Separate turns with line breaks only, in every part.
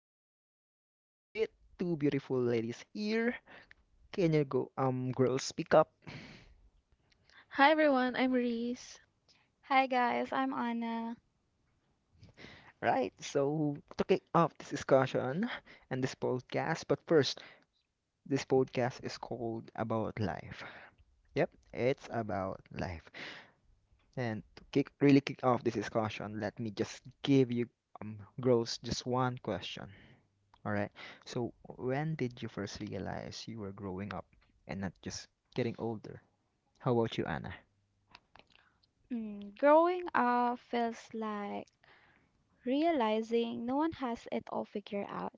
and I'm together with two beautiful ladies here. Can you go, girls, speak up?
Hi everyone, I'm Reese.
Hi guys, I'm Anna.
Right, so to kick off this discussion and this podcast, but first, this podcast is called About Life. Yep, it's about life. And to kick really kick off this discussion, let me just give you Gross just one question. All right. So when did you first realize you were growing up and not just getting older? How about you, Anna?
Growing up feels like realizing no one has it all figured out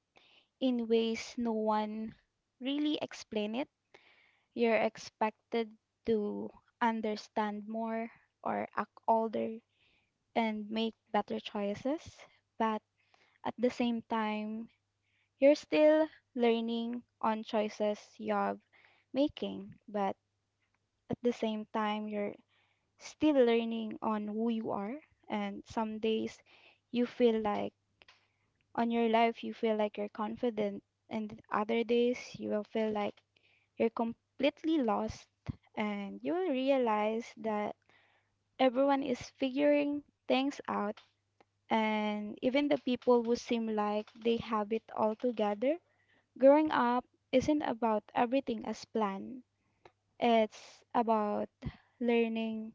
in ways no one really explain it. You're expected to understand more or act older and make better choices, but at the same time, you're still learning on choices you're making, but at the same time, you're still learning on who you are. And some days you feel like on your life, you feel like you're confident, and other days you will feel like you're completely lost, and you will realize that everyone is figuring things out, and even the people who seem like they have it all together. Growing up isn't about everything as planned, it's about learning,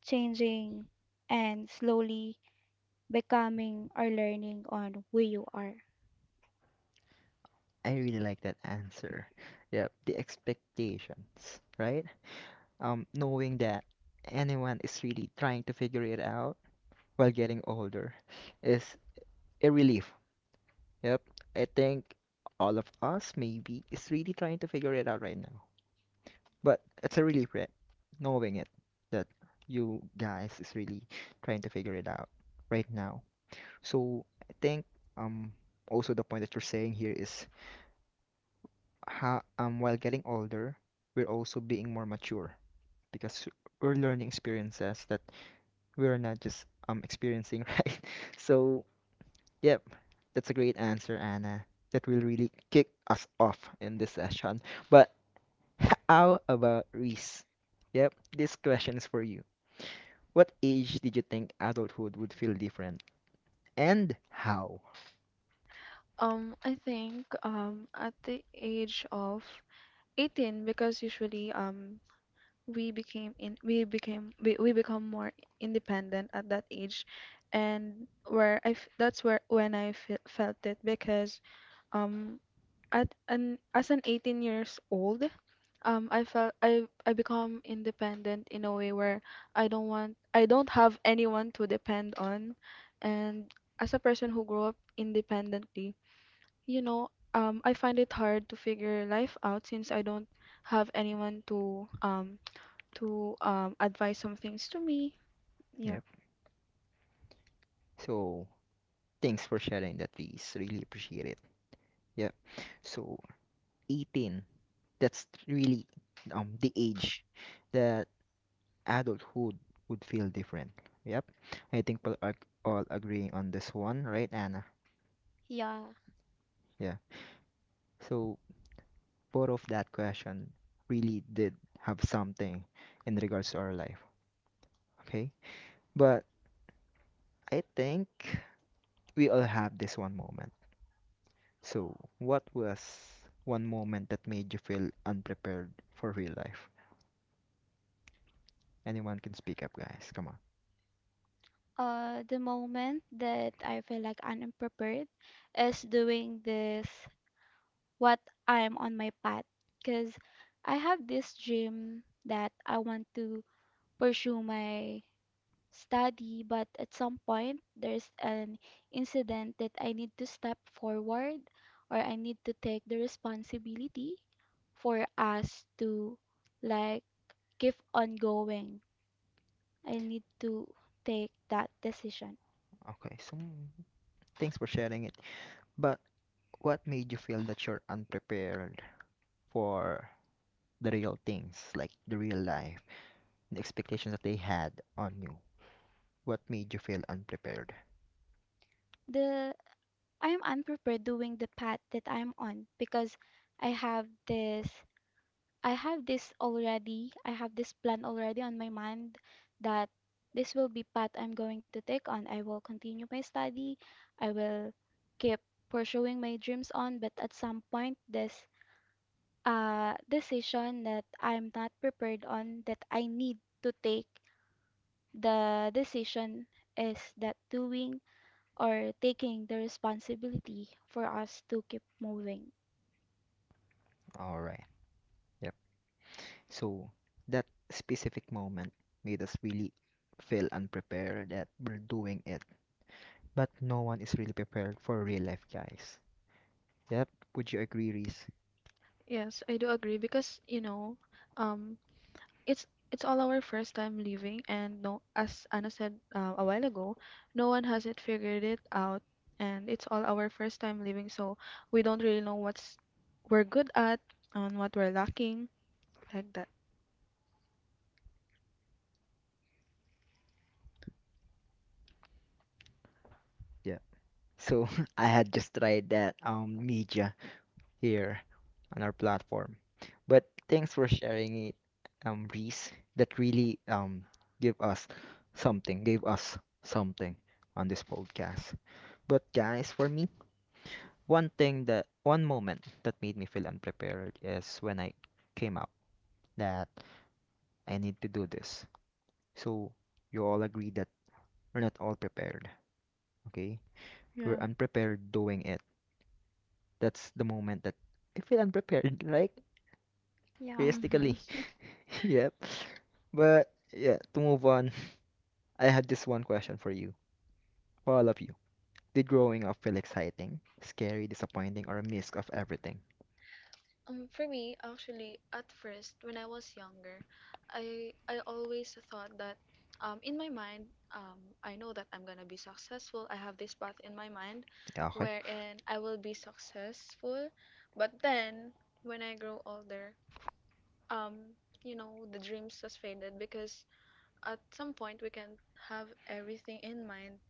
changing, and slowly becoming or learning on who you are.
I really like that answer. Yep, the expectations, right? Knowing that anyone is really trying to figure it out while getting older is a relief. Yep, I think all of us maybe is really trying to figure it out right now. But it's a relief knowing it that you guys is really trying to figure it out right now. So I think um also the point that you're saying here is how while getting older, we're also being more mature because we're learning experiences that we are not just experiencing, right? So yep, that's a great answer, Anna. That will really kick us off in this session. But how about Reese? Yep, this question is for you. What age did you think adulthood would feel different, and how?
I think at the age of 18 because usually we became in we became we become more independent at that age and where I f that's where when I fe felt it because um at an as an 18 years old, I felt I become independent in a way where I don't have anyone to depend on. And as a person who grew up independently, you know, I find it hard to figure life out since I don't have anyone to advise some things to me.
Yep.
Yeah.
So thanks for sharing that, please. Really appreciate it. Yep. So 18, that's really the age that adulthood would feel different. Yep. I think we're all agreeing on this one, right, Anna?
Yeah.
Yeah. So both of that question really did have something in regards to our life. Okay. But I think we all have this one moment. So, what was one moment that made you feel unprepared for real life? Anyone can speak up, guys. Come on.
The moment that I feel like I'm unprepared is doing this, what I'm on my path. Because I have this dream that I want to pursue my study, but at some point, there's an incident that I need to step forward or I need to take the responsibility for us to like keep on going I need to take that decision.
Okay, so thanks for sharing it. But what made you feel that you're unprepared for the real things, like the real life, the expectations that they had on you? What made you feel unprepared?
The I am unprepared doing the path that I am on because I have this I have this already. I have this plan already on my mind that this will be path I'm going to take on. I will continue my study. I will keep pursuing my dreams on, but at some point this decision that I'm not prepared on that I need to take the decision is that doing or taking the responsibility for us to keep moving.
All right. Yep. So, that specific moment made us really feel unprepared that we're doing it, but no one is really prepared for real life, guys. Yep. Would you agree, Reese?
Yes, I do agree because, you know, um it's all our first time leaving, and, no, as Anna said, a while ago, no one has it figured it out And it's all our first time leaving, so we don't really know what's we're good at and what we're lacking, like that.
Yeah. So I had just tried that media here on our platform. But thanks for sharing it, Reese. That really gave us something, gave us something on this podcast. But guys, for me, one moment that made me feel unprepared is when I came up that I need to do this. So you all agree that we're not all prepared, okay? We're
Yeah.
unprepared doing it. That's the moment that I feel unprepared, like
Yeah,
realistically.
Mm-hmm.
Yep. But yeah, to move on, I have this one question for you, for all of you. Did growing up feel exciting, scary, disappointing, or a mix of everything?
For me, actually, at first, when I was younger, I always thought that, in my mind, I know that I'm gonna be successful. I have this path in my mind,
Yeah, okay.
wherein I will be successful. But then, when I grow older, you know, the dreams has faded because at some point we can have everything in mind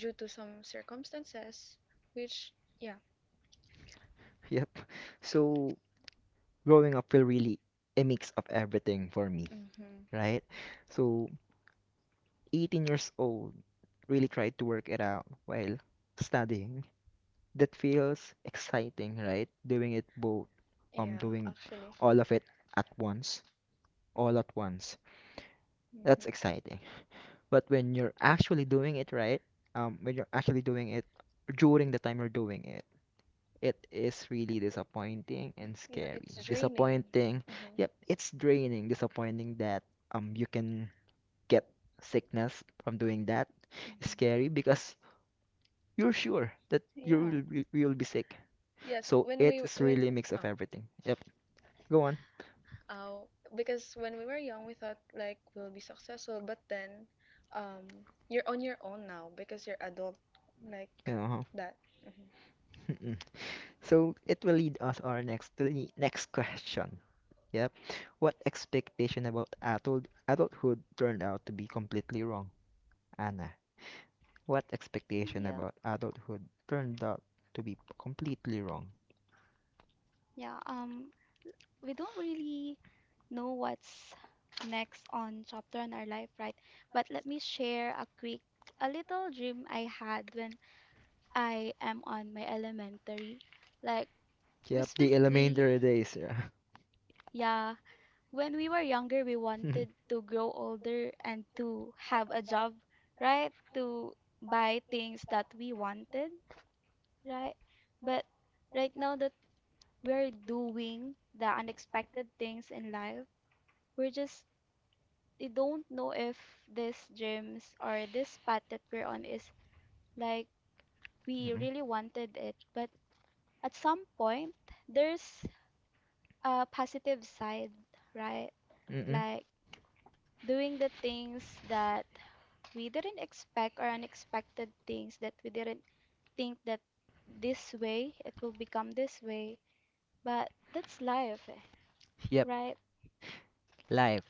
due to some circumstances, which, yeah.
Yep. So growing up feel really a mix of everything for me,
Mm-hmm.
right? So 18 years old, really tried to work it out while studying, that feels exciting, right? Doing it both,
Yeah,
doing
actually.
all of it at once, all at once. That's
Mm-hmm.
exciting. But when you're actually doing it right, when you're actually doing it during the time you're doing it, it is really disappointing and
Yeah,
scary.
it's draining.
Disappointing,
Hmm.
yep, it's draining. Disappointing that you can get sickness from doing that. Scary
Hmm.
because you're sure that you
Yeah.
will be sick.
Yes,
So
when we
it's really a
when
mix of
oh,
everything. Yep. Go on.
Oh, because when we were young we thought like we'll be successful, but then you're on your own now because you're adult, like
Yeah. Uh-huh.
that. Mhm.
Mm-mm. So it will lead us our next to the next question. Yep. What expectation about adulthood turned out to be completely wrong, Anna? What expectation
yeah,
about adulthood turned out to be completely wrong?
yeah. We don't really know what's next on chapter in our life, right? But let me share a quick, a little dream I had when I am on my elementary. Like, we,
Yep. The
spec- we,
elementary days. Yeah.
yeah, when we were younger, we
Mm-mm.
wanted to grow older and to have a job, right? To buy things that we wanted. Right. But right now that we're doing the unexpected things in life, we're just, we don't know if these dreams or this path that we're on is like we really wanted it. But at some point, there's a positive side, right?
Mm-mm.
Like doing the things that we didn't expect or unexpected things that we didn't think that this way it will become this way. But that's life, eh,
Yep.
right?
Life.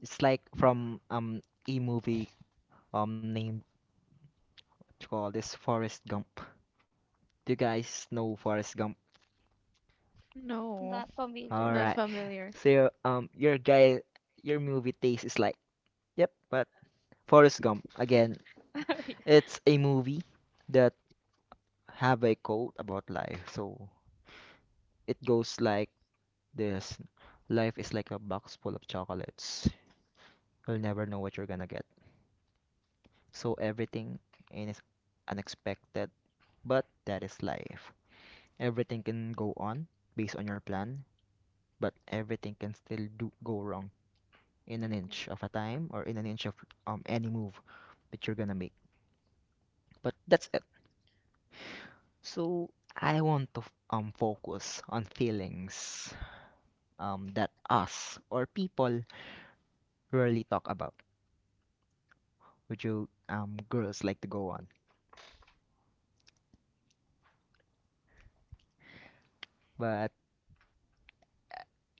It's like from e movie named what you call this Forrest Gump. Do you guys know Forrest Gump?
No,
Not familiar
All
with
not
right.
that.
familiar.
So your guy, your movie taste is like, yep. But Forrest Gump again,
Yeah.
it's a movie that have a quote about life. So it goes like this: life is like a box full of chocolates. You'll never know what you're gonna get. So everything is unexpected, but that is life. Everything can go on based on your plan, but everything can still do go wrong in an
Mm.
inch of a time or in an inch of any move that you're gonna make. But that's it. So I want to focus on feelings that us or people rarely talk about, which you girls like to go on. But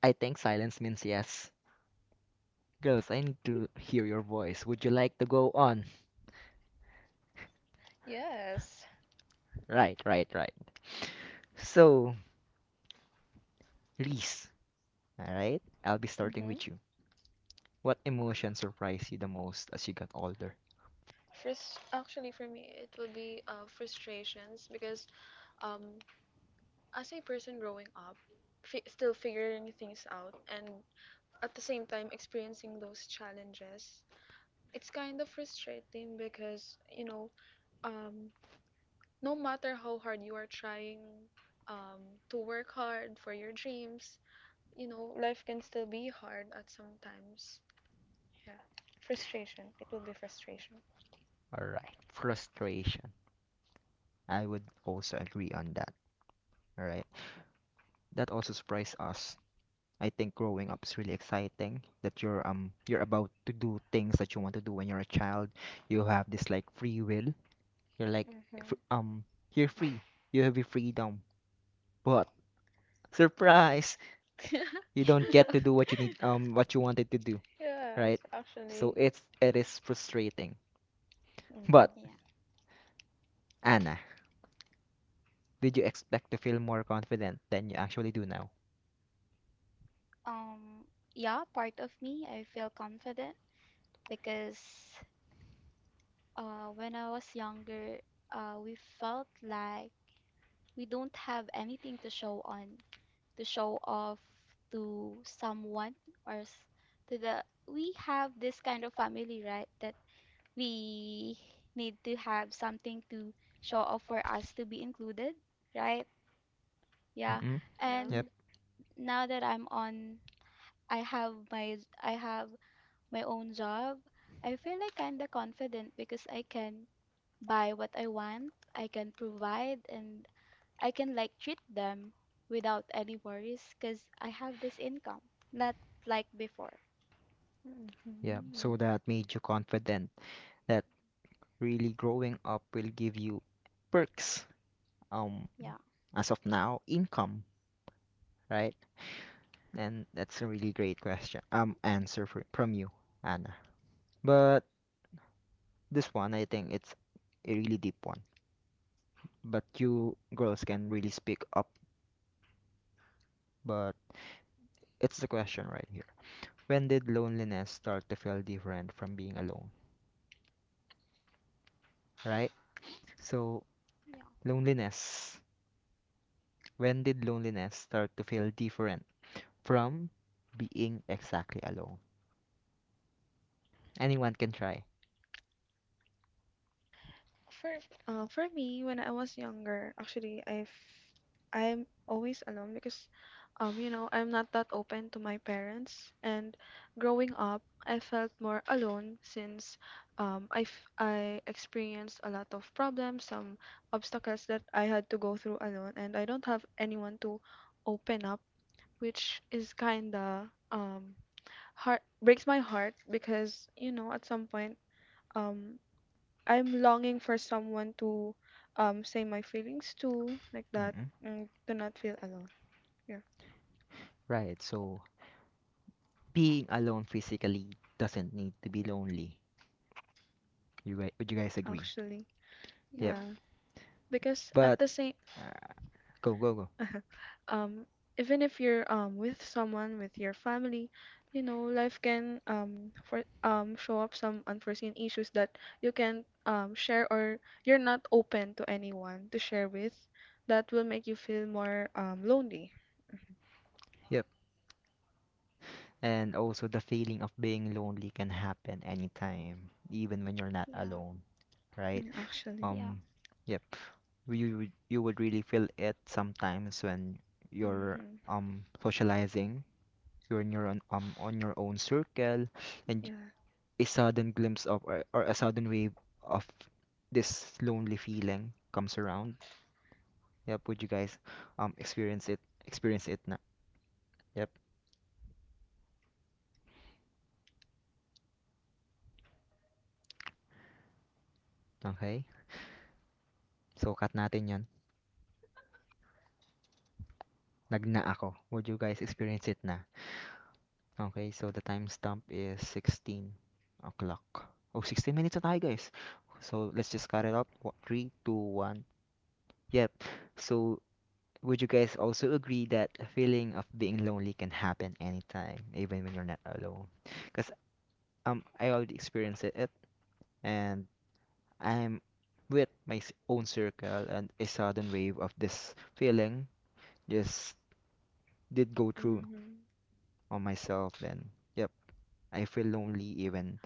I think silence means yes. Girls, I need to hear your voice. Would you like to go on?
Yes.
Right, right, right. So, Reese, all right, I'll be starting
Mm-hmm.
with you. What emotion surprised you the most as you got older?
Frust Actually, for me it will be frustrations because, um as a person growing up, fi still figuring things out and at the same time experiencing those challenges, it's kind of frustrating because, you know, um no matter how hard you are trying um to work hard for your dreams, you know, life can still be hard at sometimes. Yeah. Frustration. It will be frustration.
All right. Frustration. I would also agree on that. All right. That also surprised us. I think growing up is really exciting. That you're about to do things that you want to do when you're a child. You have this like free will. You're like
Mm-hmm.
fr- um you're free. You have your freedom. But surprise, you don't get to do what you need what you wanted to do,
Yeah.
right? So it is frustrating.
Hmm.
But
Yeah.
Anna, did you expect to feel more confident than you actually do now?
Um, yeah, part of me, I feel confident because when I was younger, we felt like we don't have anything to show on, to show off to someone or to the. We have this kind of family, right? That we need to have something to show off for us to be included, right? Yeah.
Mm-mm. Yep.
And
Yeah.
now that I have my own job. I feel like kinda confident because I can buy what I want, I can provide and I can like treat them without any worries because I have this income. Not like before.
Yeah, so that made you confident that really growing up will give you perks. Um,
Yeah.
as of now, income, right? And that's a really great question. Answer from you, Anna. But this one, I think it's a really deep one. But you girls can really speak up. But it's the question right here. When did loneliness start to feel different from being alone, right? So,
Yeah.
loneliness. When did loneliness start to feel different from being exactly alone? Anyone can try.
For for me, when I was younger, actually, I'm always alone because, you know, I'm not that open to my parents. And growing up, I felt more alone since, um, I f I experienced a lot of problems, some obstacles that I had to go through alone, and I don't have anyone to open up, which is kinda heart breaks my heart because, you know, at some point, um. I'm longing for someone to say my feelings to, like that,
Mm-mm.
and to not feel alone. Yeah,
Right? So being alone physically doesn't need to be lonely. You guys, would you guys agree?
actually,
Yep.
yeah,
Yeah.
because
But
at the same,
uh, go.
um, even if you're with someone, with your family, you know, life can for show up some unforeseen issues that you can share, or you're not open to anyone to share with. That will make you feel more lonely.
Yep. And also the feeling of being lonely can happen anytime, even when you're not
Yeah.
alone, right?
Mm. Actually.
Yeah.
Um, yep. You would really feel it sometimes when you're
Mm-hmm.
socializing. You're in your own, on your own circle, and
Yeah.
a sudden glimpse of or a sudden wave of this lonely feeling comes around. Yep, would you guys um experience it experience it na? Yep. Okay. So cut natin 'yon. Nagna ako. Would you guys experience it na? Okay, so the timestamp is 16 o'clock. Oh, 16 minutes na tayo, guys. So let's just cut it up. Three, two, one. Yep. So would you guys also agree that a feeling of being lonely can happen anytime, even when you're not alone? Because I already experienced it and I'm with my own circle, and a sudden wave of this feeling just did go through
Mm-hmm.
on myself. Then yep, I feel lonely even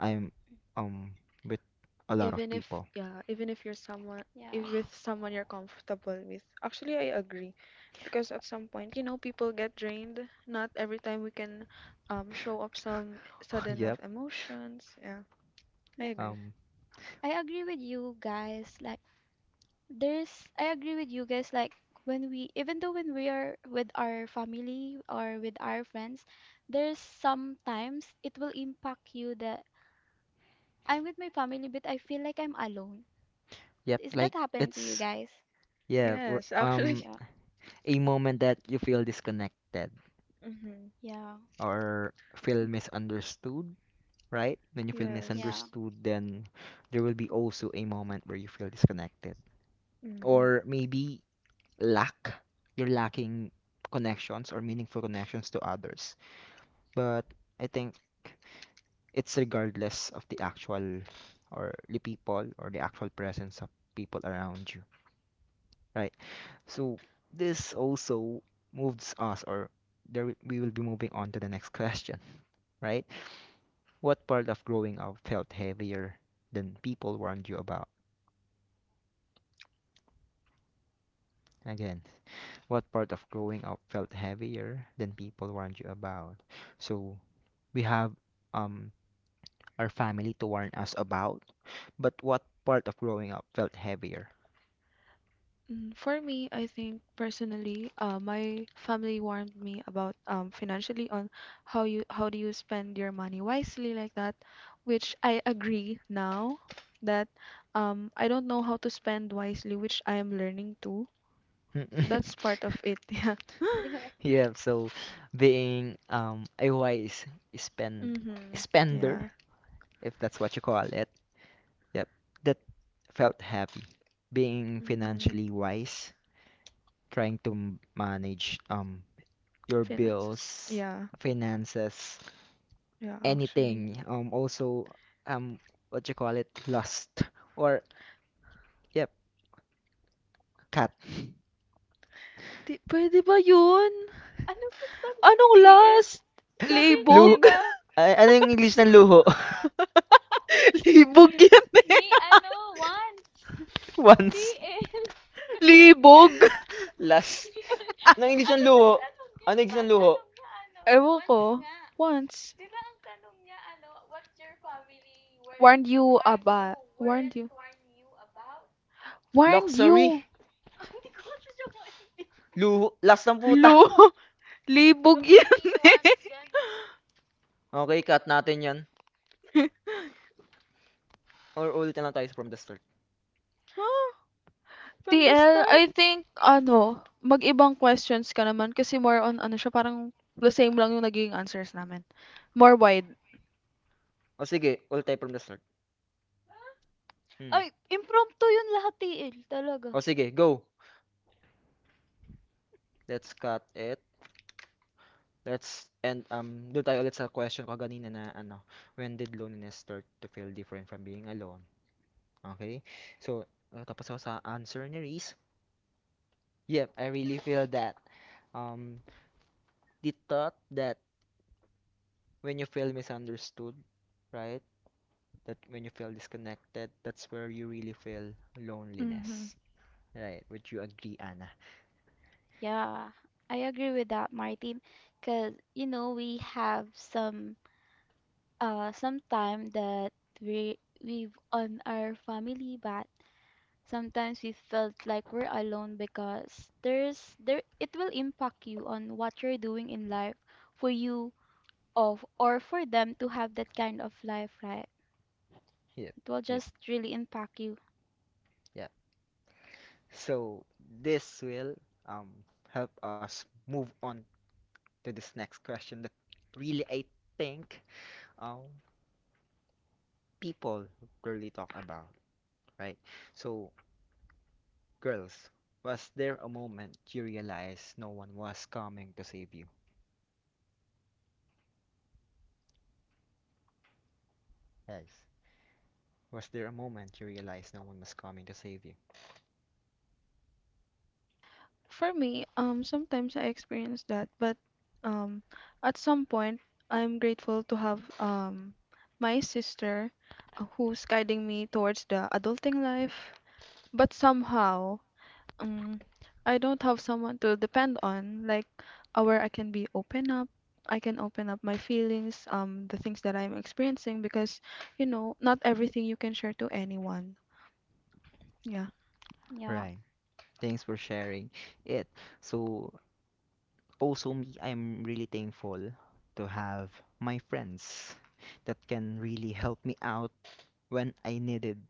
I'm um with a lot of
Even if,
people.
yeah, even if you're someone,
Yeah.
if with someone you're comfortable with, actually, I agree, because at some point, you know, people get drained. Not every time we can show up some sudden of
Yep.
emotions. Yeah, I
Yeah.
agree.
um
I agree with you guys. Like there's I agree with you guys like when we even though when we are with our family or with our friends there's sometimes it will impact you that I'm with my family but I feel like I'm alone.
yep,
Is that
like
happen to you
it's,
guys?
yeah, we're,
Yes,
um,
actually.
Yeah.
a moment that you feel disconnected
Mm-hmm.
Yeah.
or feel misunderstood, right? When you feel
Yeah.
Yes.
misunderstood, then there will be also a moment where you feel disconnected.
Mm-hmm.
Or maybe lack. You're lacking connections or meaningful connections to others. But I think it's regardless of the people or the actual presence of people around you, right? So this also moves us or there we will be moving on to the next question, right? What part of growing up felt heavier than people warned you about? Again, what part of growing up felt heavier than people warned you about? So we have um our family to warn us about, but what part of growing up felt heavier?
Mm. For me, I think personally, my family warned me about, financially, on how do you spend your money wisely, like that, which I agree now that, I don't know how to spend wisely, which I am learning too. So that's part of it. Yeah.
Yeah, so being a wise spend
Mm-hmm.
spender,
Yeah.
if that's what you call it, yep, that felt heavy. Being
Mm-hmm.
financially wise, trying to manage your
Finances.
bills,
Yeah.
finances,
Yeah, actually.
anything. Also, um, what you call it? Lust. Or, yep, cat.
Di, pwede ba yun? Anong last?
Luho.
Libog?
Ay, ano yung English ng luho?
Libog yan.
Once.
Libog.
Lust. Ano yung English ng luho? Ano yung English ng luho?
Ewan ko. Once. Warned you about. Warned you. Warned
Luxury.
you.
Luho. Lust ng puta.
Lo. Libog yan eh.
Okay, cut natin yan. Or ulitin lang tayo from the start.
Huh? From the
TL,
start?
I think, ano, mag-ibang questions ka naman kasi more on, ano siya, parang the same lang yung naging answers namin. More wide.
O sige, ulit tayo from the start. Hmm.
Ay, impromptu yun lahat, TL. Talaga.
O sige, go. Let's cut it. Let's and do tayo ulit sa question ko kanina na ano, when did loneliness start to feel different from being alone? Okay. So, tapos ako sa answer ni Reese. Yep, I really feel that. Um, the thought that when you feel misunderstood, right? That when you feel disconnected, that's where you really feel loneliness. Right? Would you agree, Anna?
Yeah, I agree with that, Martin. Because, you know, we have some sometime that we we've on our family but sometimes we felt like we're alone because there it will impact you on what you're doing in life for you of or for them to have that kind of life, right,
Yep,
it will
yep,
just really impact you.
yep. So, this will um help us move on to this next question that really I think um people rarely talk about, right? So, girls, was there a moment you realized no one was coming to save you? Yes. Was there a moment you realized no one was coming to save you?
For me, sometimes I experience that, but, um, at some point, I'm grateful to have, my sister, who's guiding me towards the adulting life. But somehow, um, I don't have someone to depend on, like, where I can be open up. I can open up my feelings, the things that I'm experiencing, because, you know, not everything you can share to anyone. Yeah.
Yeah.
Right. Thanks for sharing it. So, also me, I'm really thankful to have my friends that can really help me out when I needed,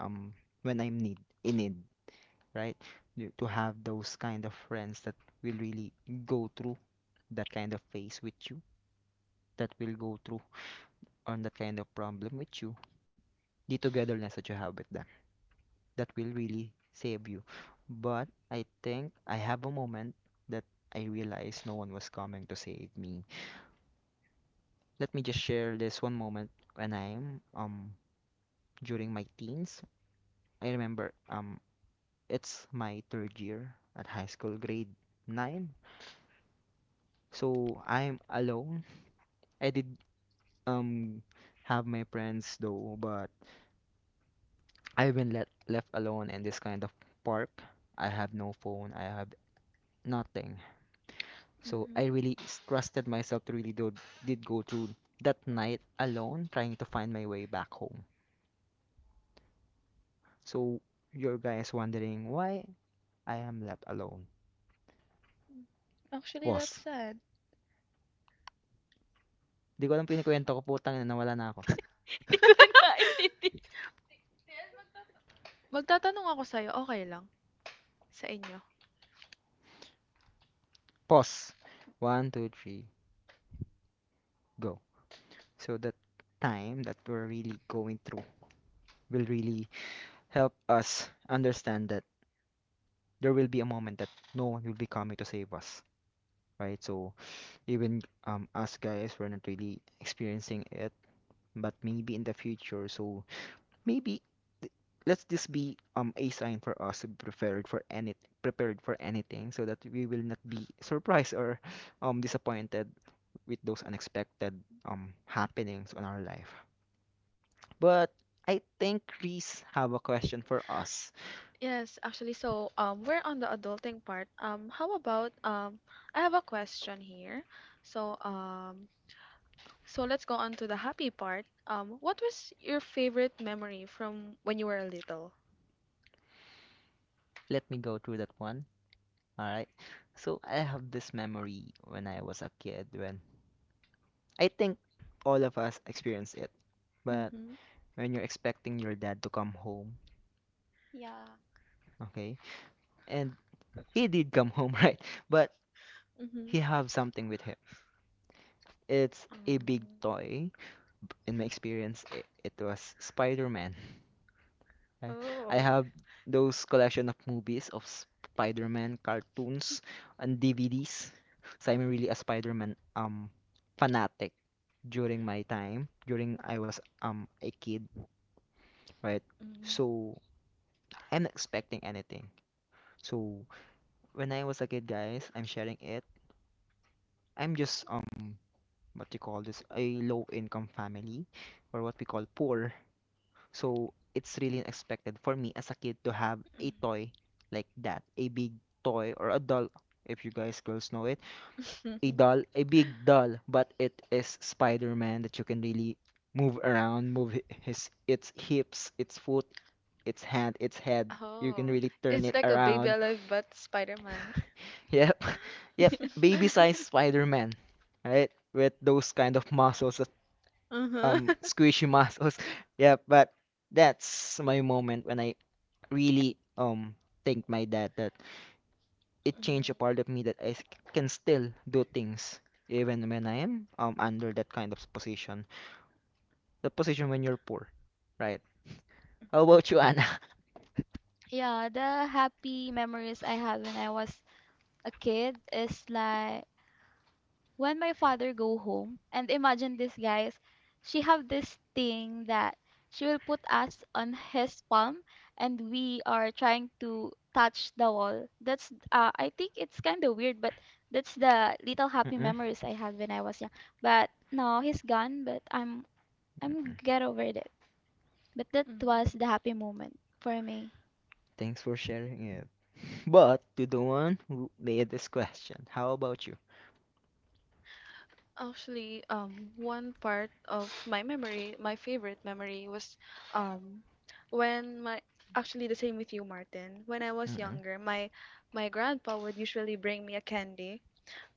um, when I'm need in need, right? To have those kind of friends that will really go through that kind of phase with you, that will go through on that kind of problem with you, the togetherness that you have with them, that will really save you. But I think I have a moment that I realized no one was coming to save me. Let me just share this one moment when I'm during my teens. I remember it's my third year at high school, grade nine. So I'm alone. I did um have my friends though, but I've been let left alone in this kind of park. I have no phone. I have nothing. So
Mhm.
I really trusted myself to really do did go through that night alone trying to find my way back home. So your guys wondering why I am left alone.
Actually, that's
Pause.
sad.
Di ko alam pinikwento ko putang ina nawala na ako.
Hindi ko rin maintindihan.
Magtatanong ako sa'yo, okay lang? Sa inyo?
Pause. One, two, three, go. So that time that we're really going through will really help us understand that there will be a moment that no one will be coming to save us. Right? So even us guys, we're not really experiencing it, but maybe in the future. So maybe let's just be a sign for us to be prepared for anything, so that we will not be surprised or disappointed with those unexpected happenings on our life. But I think Reese have a question for us.
Yes, actually, so, we're on the adulting part. How about I have a question here. So um, so let's go on to the happy part. What was your favorite memory from when you were little?
Let me go through that one. All right. So I have this memory when I was a kid when I think all of us experience it. But
Mm-hmm.
when you're expecting your dad to come home,
Yeah.
okay? And he did come home, right? But
Mm-hmm.
he have something with him. It's a big
Mm-hmm.
toy. In my experience, it was Spider-Man. I, I
Oh.
have those collection of movies of Spider-Man cartoons and DVDs. So I'm really a Spider-Man fanatic during my time, during I was a kid, right?
Mm-hmm.
So I'm not expecting anything. So when I was a kid, guys, I'm sharing it. I'm just what you call this a low income family or what we call poor. So it's really unexpected for me as a kid to have a toy like that, a big toy or a doll. If you guys girls know it, a doll, a big doll, but it is Spider-Man that you can really move around, move his its hips, its foot, its hand, its head. You can
Oh.
really turn
It's
it
like a baby
around.
alive but Spider-Man.
Yep. Yep. Baby sized Spider-Man, right? With those kind of muscles, that-
Uh-huh.
squishy muscles. Yep. But that's my moment when I really thank my dad that it
Mhm.
changed a part of me that can still do things even when I am under that kind of position. The position when you're poor, right? How about you, Anna?
Yeah, the happy memories I had when I was a kid is like when my father go home and imagine this guys, she have this thing that she will put us on his palm and we are trying to touch the wall. That's I think it's kind of weird, but that's the little happy
Mm-mm.
memories I had when I was young, but no he's gone but I'm
Mm-mm.
get over it, but that
Mm.
was the happy moment for me.
Thanks for sharing it. But to the one who made this question, how about you?
Actually, one part of my memory, my favorite memory was, um, when my actually the same with you, Martin. When I was
Mm-mm.
younger, my grandpa would usually bring me a candy.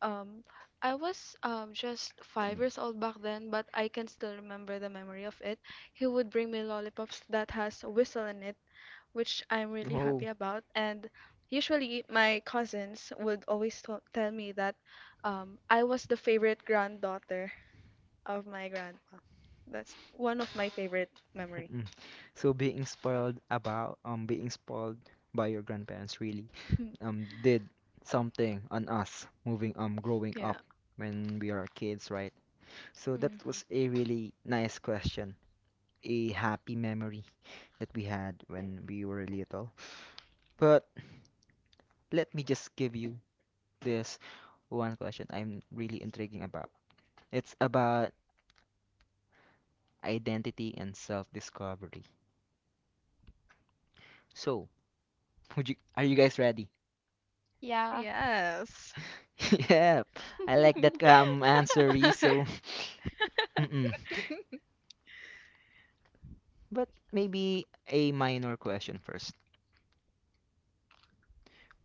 Um, I was just 5 years old back then, but I can still remember the memory of it. He would bring me lollipops that has a whistle in it, which I'm really happy
Oh,
about. And usually, my cousins would always tell me that, I was the favorite granddaughter of my grandma. That's one of my favorite memory.
mm-mm. So being spoiled by your grandparents really did something on us moving growing
Yeah.
up when we are kids, right? So that
Hmm.
was a really nice question, a happy memory that we had when we were little. But let me just give you this one question I'm really intriguing about. It's about identity and self-discovery. So, would you are you guys ready?
Yeah.
Yes.
Yeah, I like that answer, Reese. So, mm-mm. But maybe a minor question first.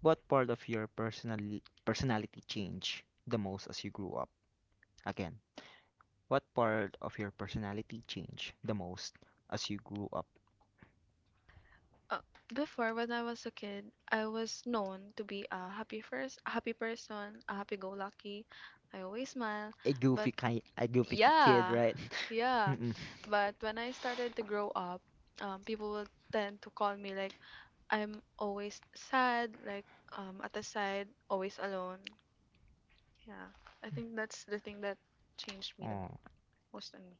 What part of your personality changed the most as you grew up? Again, what part of your personality changed the most as you grew up?
Uh, Before, when I was a kid, I was known to be a happy person, a happy-go-lucky. I always smile,
A
but...
goofy kind, a kid,
Yeah,
right?
yeah.
Mm-mm.
But when I started to grow up, people will tend to call me like I'm always sad, like, at the side, always alone. Yeah, I think that's the thing that changed me the
Oh,
most on me.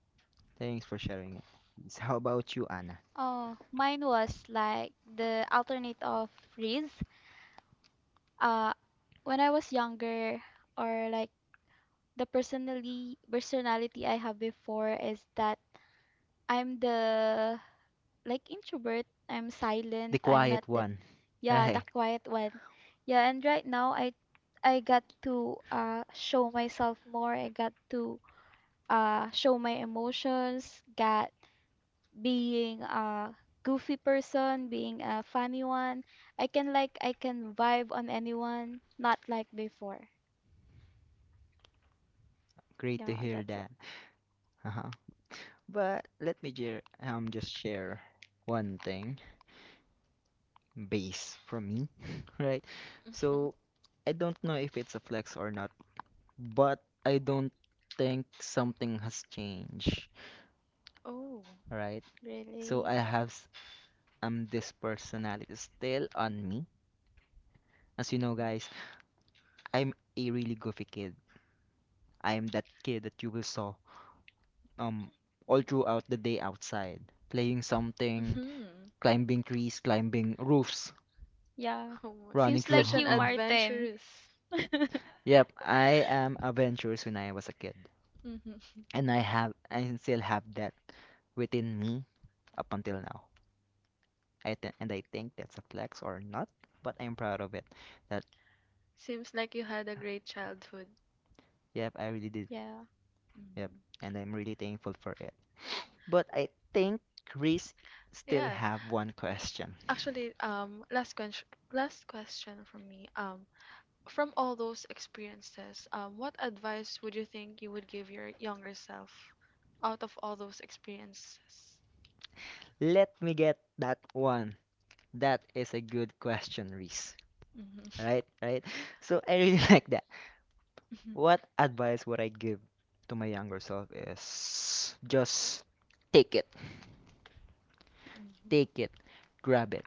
thanks for sharing it. Reese. How about you, Anna?
Oh, mine was like the alternate of freeze. Uh, when I was younger, or like the personally personality I have before is that I'm the like introvert. I'm
The
silent. I'm not
quiet
that
one,
yeah the
right?
quiet one. Yeah, and right now I got to show myself more. I got to show my emotions. Got being a goofy person, being a funny one. I can like I can vibe on anyone, not like before.
Great to
Yeah,
hear
that's
that. But let me just share one thing base from me, right?
Hmm.
So I don't know if it's a flex or not, but I don't think something has changed,
Oh.
right? So
Really?
I have this personality still on me. As you know,
Hmm.
guys, I'm a really goofy kid. I am that kid that you will saw um all throughout the day outside, playing something,
Hmm.
climbing trees, climbing roofs,
Yeah.
Oh, my...
running
Seems
through
such
like
an
you, Martin.
adventurous.
Yep, I am adventurous when I was a kid,
Hmm.
and I still have that within me up until now. And I think that's a flex or not, but I'm proud of it. That
Seems like you had a great childhood.
yep, I really did.
Yeah.
Yep,
Hmm.
and I'm really thankful for it. But I think Chris still
Yeah.
have one question.
Actually, last question from me. From all those experiences, what advice would you think you would give your younger self out of all those experiences?
Let me get that one. That is a good question, Reese.
Mm-hmm.
Right, right. So I really like that.
Mm-hmm.
What advice would I give to my younger self is just take it,
Mm-hmm.
take it, grab it.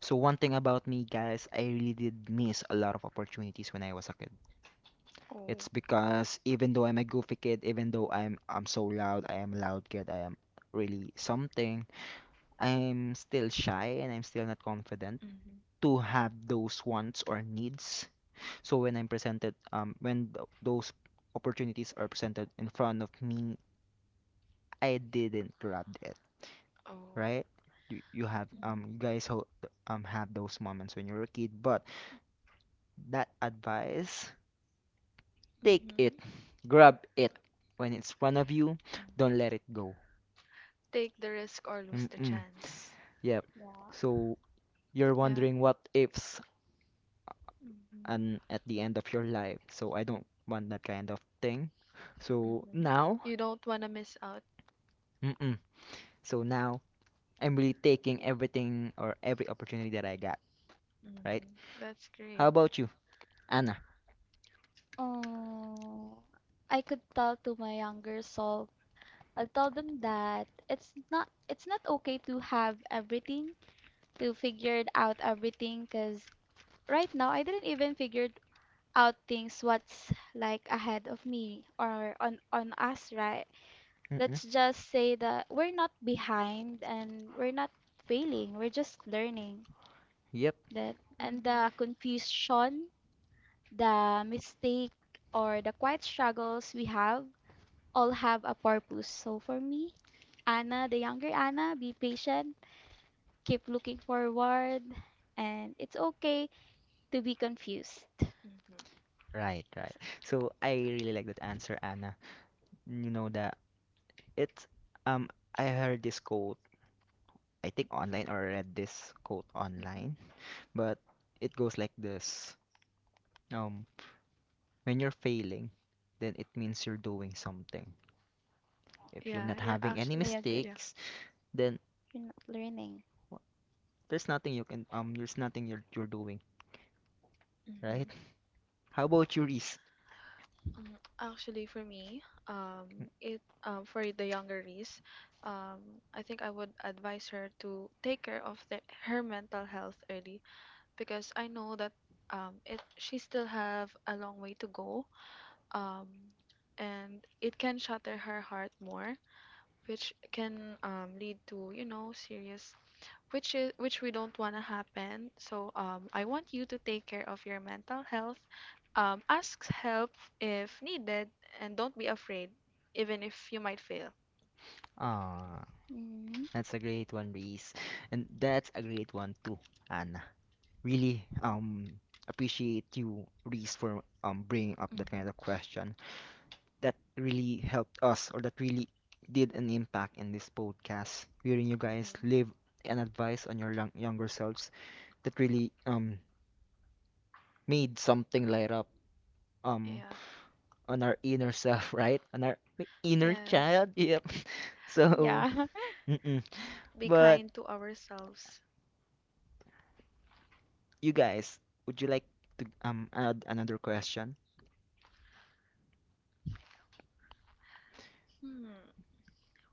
So one thing about me, guys, I really did miss a lot of opportunities when I was a kid.
Oh.
It's because even though I'm a goofy kid, even though I'm so loud, I am a loud kid, I am really something, I'm still shy and I'm still not confident
Mm-hmm.
to have those wants or needs. So when I'm presented, when those opportunities are presented in front of me, I didn't grab it,
Oh.
right? You have
Mm-hmm.
you have those moments when you're a kid, but that advice, take it,
Mm-hmm.
grab it when it's in front of you, don't let it go.
Take the risk or lose the
Mm-mm.
chance.
Yep. So you're
Yeah.
wondering what ifs
Mm-hmm.
and at the end of your life. So I don't want that kind of thing. So
Mm-hmm.
now,
You don't want to miss out.
mm-mm. So now I'm really taking everything or every opportunity that I got, right?
Mm-hmm. That's
How
great.
about you, Anna?
Oh, I could tell to my younger self. I'll tell them that it's not okay to have everything, to figure it out everything, 'cause right now I didn't even figure out things what's like ahead of me or on us, right?
Mm-mm.
Let's just say that we're not behind and we're not failing, we're just learning.
Yep.
That and the
Mm-hmm.
confusion, the mistake, or the quiet struggles we have all have a purpose. So for me, Anna, the younger Anna, be patient, keep looking forward, and it's okay to be confused.
Mm-hmm.
Right, right. So I really like that answer, Anna. You know that it's um I heard this quote, I think online or read this quote online,
Mm-hmm.
but it goes like this. Um when you're failing, then it means you're doing something. If you're
Yeah,
not
you're
having any
I
actually.
agree.
Yeah.
mistakes, then
You're not learning.
w- there's nothing you can there's nothing you're doing, right?
Mm-hmm.
How about you, Reese?
Mm. Actually, for me, it for the younger Reese, I think I would advise her to take care of her mental health early because I know that, it she still have a long way to go, um, and it can shatter her heart more, which can, lead to, you know, serious, which we don't want to happen. So, I want you to take care of your mental health. Ask help if needed, and don't be afraid, even if you might fail.
Ah,
Mhm.
that's a great one, Reese. And that's a great one too, Anna. Really appreciate you, Reese, for bringing up that
Hmm.
kind of question. That really helped us, or that really did an impact in this podcast, hearing you guys
Hmm.
live and advice on your younger selves. That really made something light up um
Yeah.
on our inner self, right? On our inner
Yes.
child. Yep. So,
Yeah.
mm-mm.
Be
But
kind to ourselves.
you guys, would you like to add another question?
Hmm.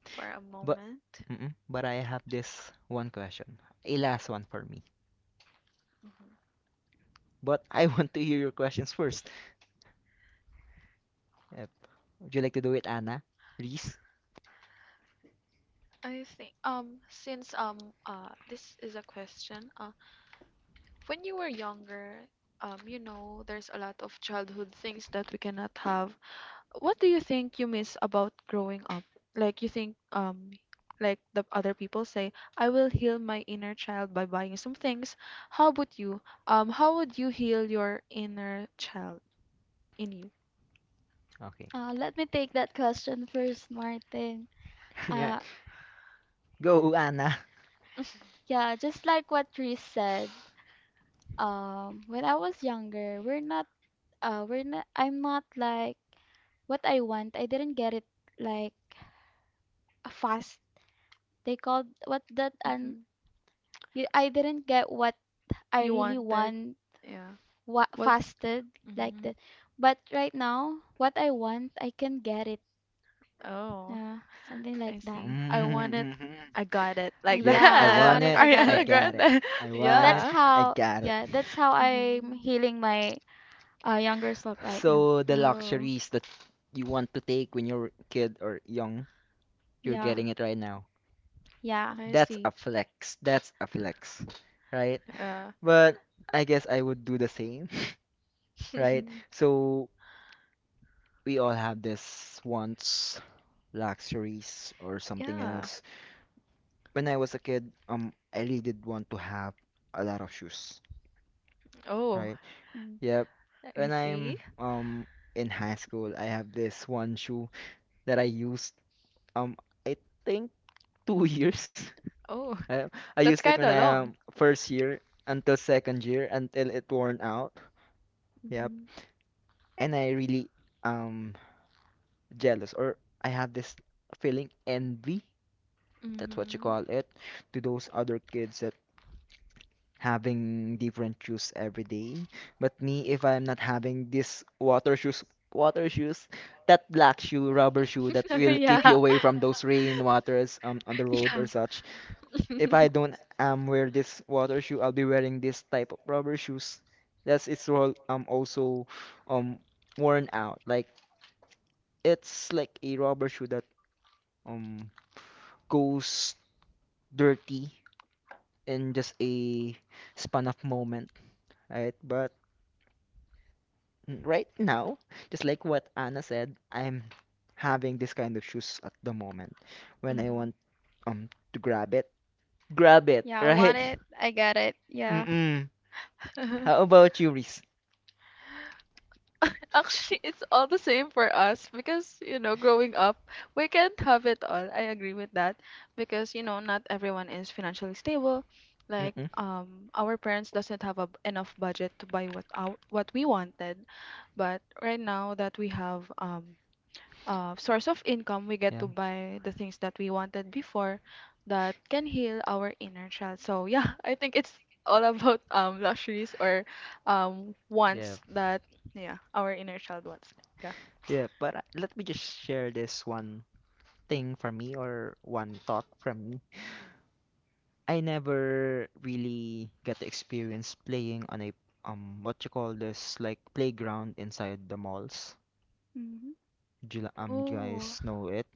For a
But
moment.
but I have this one question. A last one for me.
Hmm.
But I want to hear your questions first. Uh, would you like to do it, Anna? Reese?
I think, since this is a question, when you were younger, you know, there's a lot of childhood things that we cannot have. What do you think you miss about growing up? Like, you think like the other people say, I will heal my inner child by buying some things. How about you? How would you heal your inner child in you?
Okay.
Let me take that question first, Martin.
Yeah.
Uh,
Go, Anna.
yeah, just like what Chris said, when I was younger, we're not I'm not like what I want. I didn't get it like fast. They called what that and
Hmm.
I didn't get what I
You
really
wanted,
want
yeah.
what
What?
fasted like
Hmm.
that. But right now, what I want, I can get it.
Oh,
Uh, Something like
I
that.
see. I want it.
Mm-hmm.
I got it. Like
Yep,
Yeah,
I
I
that.
want
want it,
it.
I got
I
Ariana
it.
got it.
Grande.
I want it.
That's
Yeah.
I
how
got it.
yeah, that's how I'm
Hmm.
healing my younger self right now.
So the
Oh.
luxuries that you want to take when you're a kid or young, you're
Yeah.
getting it right now.
Yeah.
I
That's a
see.
flex. That's a flex, right?
Uh,
But I guess I would do the same. Right? So we all have this wants, luxuries, or something
yeah.
else. When I was a kid, I really did want to have a lot of shoes,
Oh,
right?
Mm.
Yep.
I
When
see.
I'm in high school, I have this one shoe that I used um I think two years.
Oh,
Uh, I
that's
used it
kind
when
of
I
long.
first year until second year until it worn out. Yep.
Mm-hmm.
And I really um jealous or I have this feeling envy, that's what you call it, to those other kids that having different shoes every day. But me, if I'm not having water shoes, that black shoe, rubber shoe that will keep you
Yeah.
away from those rain waters on the road or such.
Mm-hmm.
If I don't wear this water shoe, I'll be wearing this type of rubber shoes. That's it's all also um worn out. Like it's like a rubber shoe that um goes dirty in just a span of moment, right? But right now, just like what Anna said, I'm having this kind of shoes at the moment. When I
Mm-hmm.
want to grab it,
Yeah, I want
right?
it, I got it. Yeah.
Mm-mm. How about you, Reese?
Actually, it's all the same for us because, you know, growing up, we can't have it all. I agree with that because, you know, not everyone is financially stable. Like,
Mm-mm.
our parents doesn't have a enough budget to buy what we wanted. But right now that we have, source of income, we get
Yeah.
to buy the things that we wanted before that can heal our inner child. So, yeah, I think it's all about luxuries or
Yeah.
wants that, yeah, our inner child wants. Yeah.
Yeah, but let me just share this one thing for me or one thought from me. I never really got to experience playing on a what you call this like playground inside the malls
Hmm.
Jula, do you
Oh,
guys know it.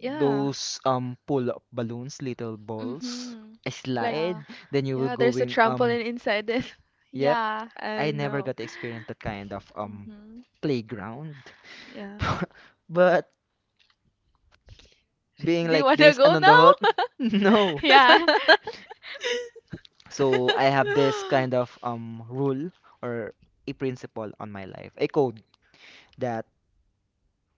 yeah.
pull-up balloons, little balls,
Mhm.
a
Like,
Yeah.
slide. Then you will
yeah, there's a
going.
trampoline inside it.
Yep,
Yeah.
I
I never
know.
got to experience that kind of
Mhm.
playground.
Yeah.
But being
Do you
like
want to
this
go
and on no.
Yeah.
now?
So I have this kind of rule or a principle on my life, a code that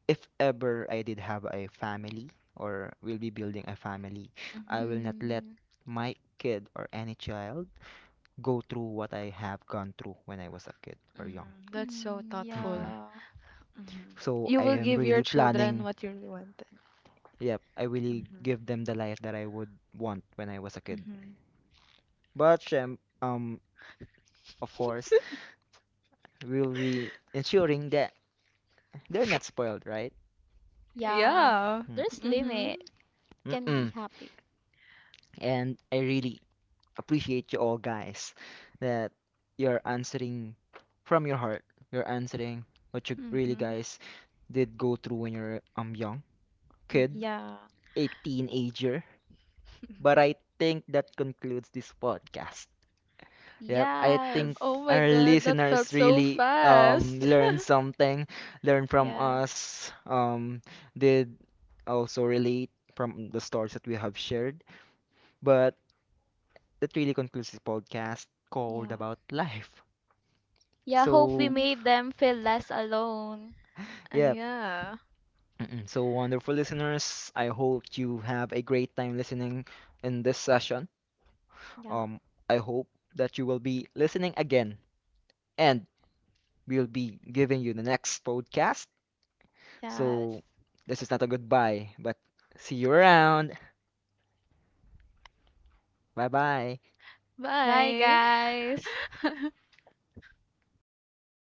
if ever I did have a family or will be building a family, I
Mhm.
will not let
Mm,
my kid or any child go through what I have gone through when I was a kid or young.
Mhm. That's so
Mm-mm.
thoughtful.
yeah.
Mhm.
So
You
I
will
am
give
really
your children
planning.
what you really wanted.
Yep, I really
Mhm.
give them the life that I would want when I was a kid.
Mhm.
But of course, we'll be ensuring that they're not spoiled, right?
Yeah.
Yeah.
Mm.
There's
Mhm.
limit. Can be
Mm-mm.
happy.
And I really appreciate you all guys that you're answering from your heart. You're answering what you really
Mhm.
guys did go through when you're young kid,
Mhm.
Yeah.
a teenager. But I think that concludes this podcast. Yep, I
Yes.
think
Oh my
our
God, that felt
listeners
so
really
fast.
learned something, learned from
Yeah.
us, did also relate from the stories that we have shared. But that really concludes this podcast called
Yeah.
About Life.
Yeah, hope we
So,
Mhm.
made them feel less alone.
yeah.
Yeah.
Mm-mm. So, wonderful listeners, I hope you have a great time listening in this session.
Yeah.
Um, I hope that you will be listening again, and we'll be giving you the next podcast.
Yes.
So, this is not a goodbye, but see you around. Bye bye.
Bye
Bye.
guys.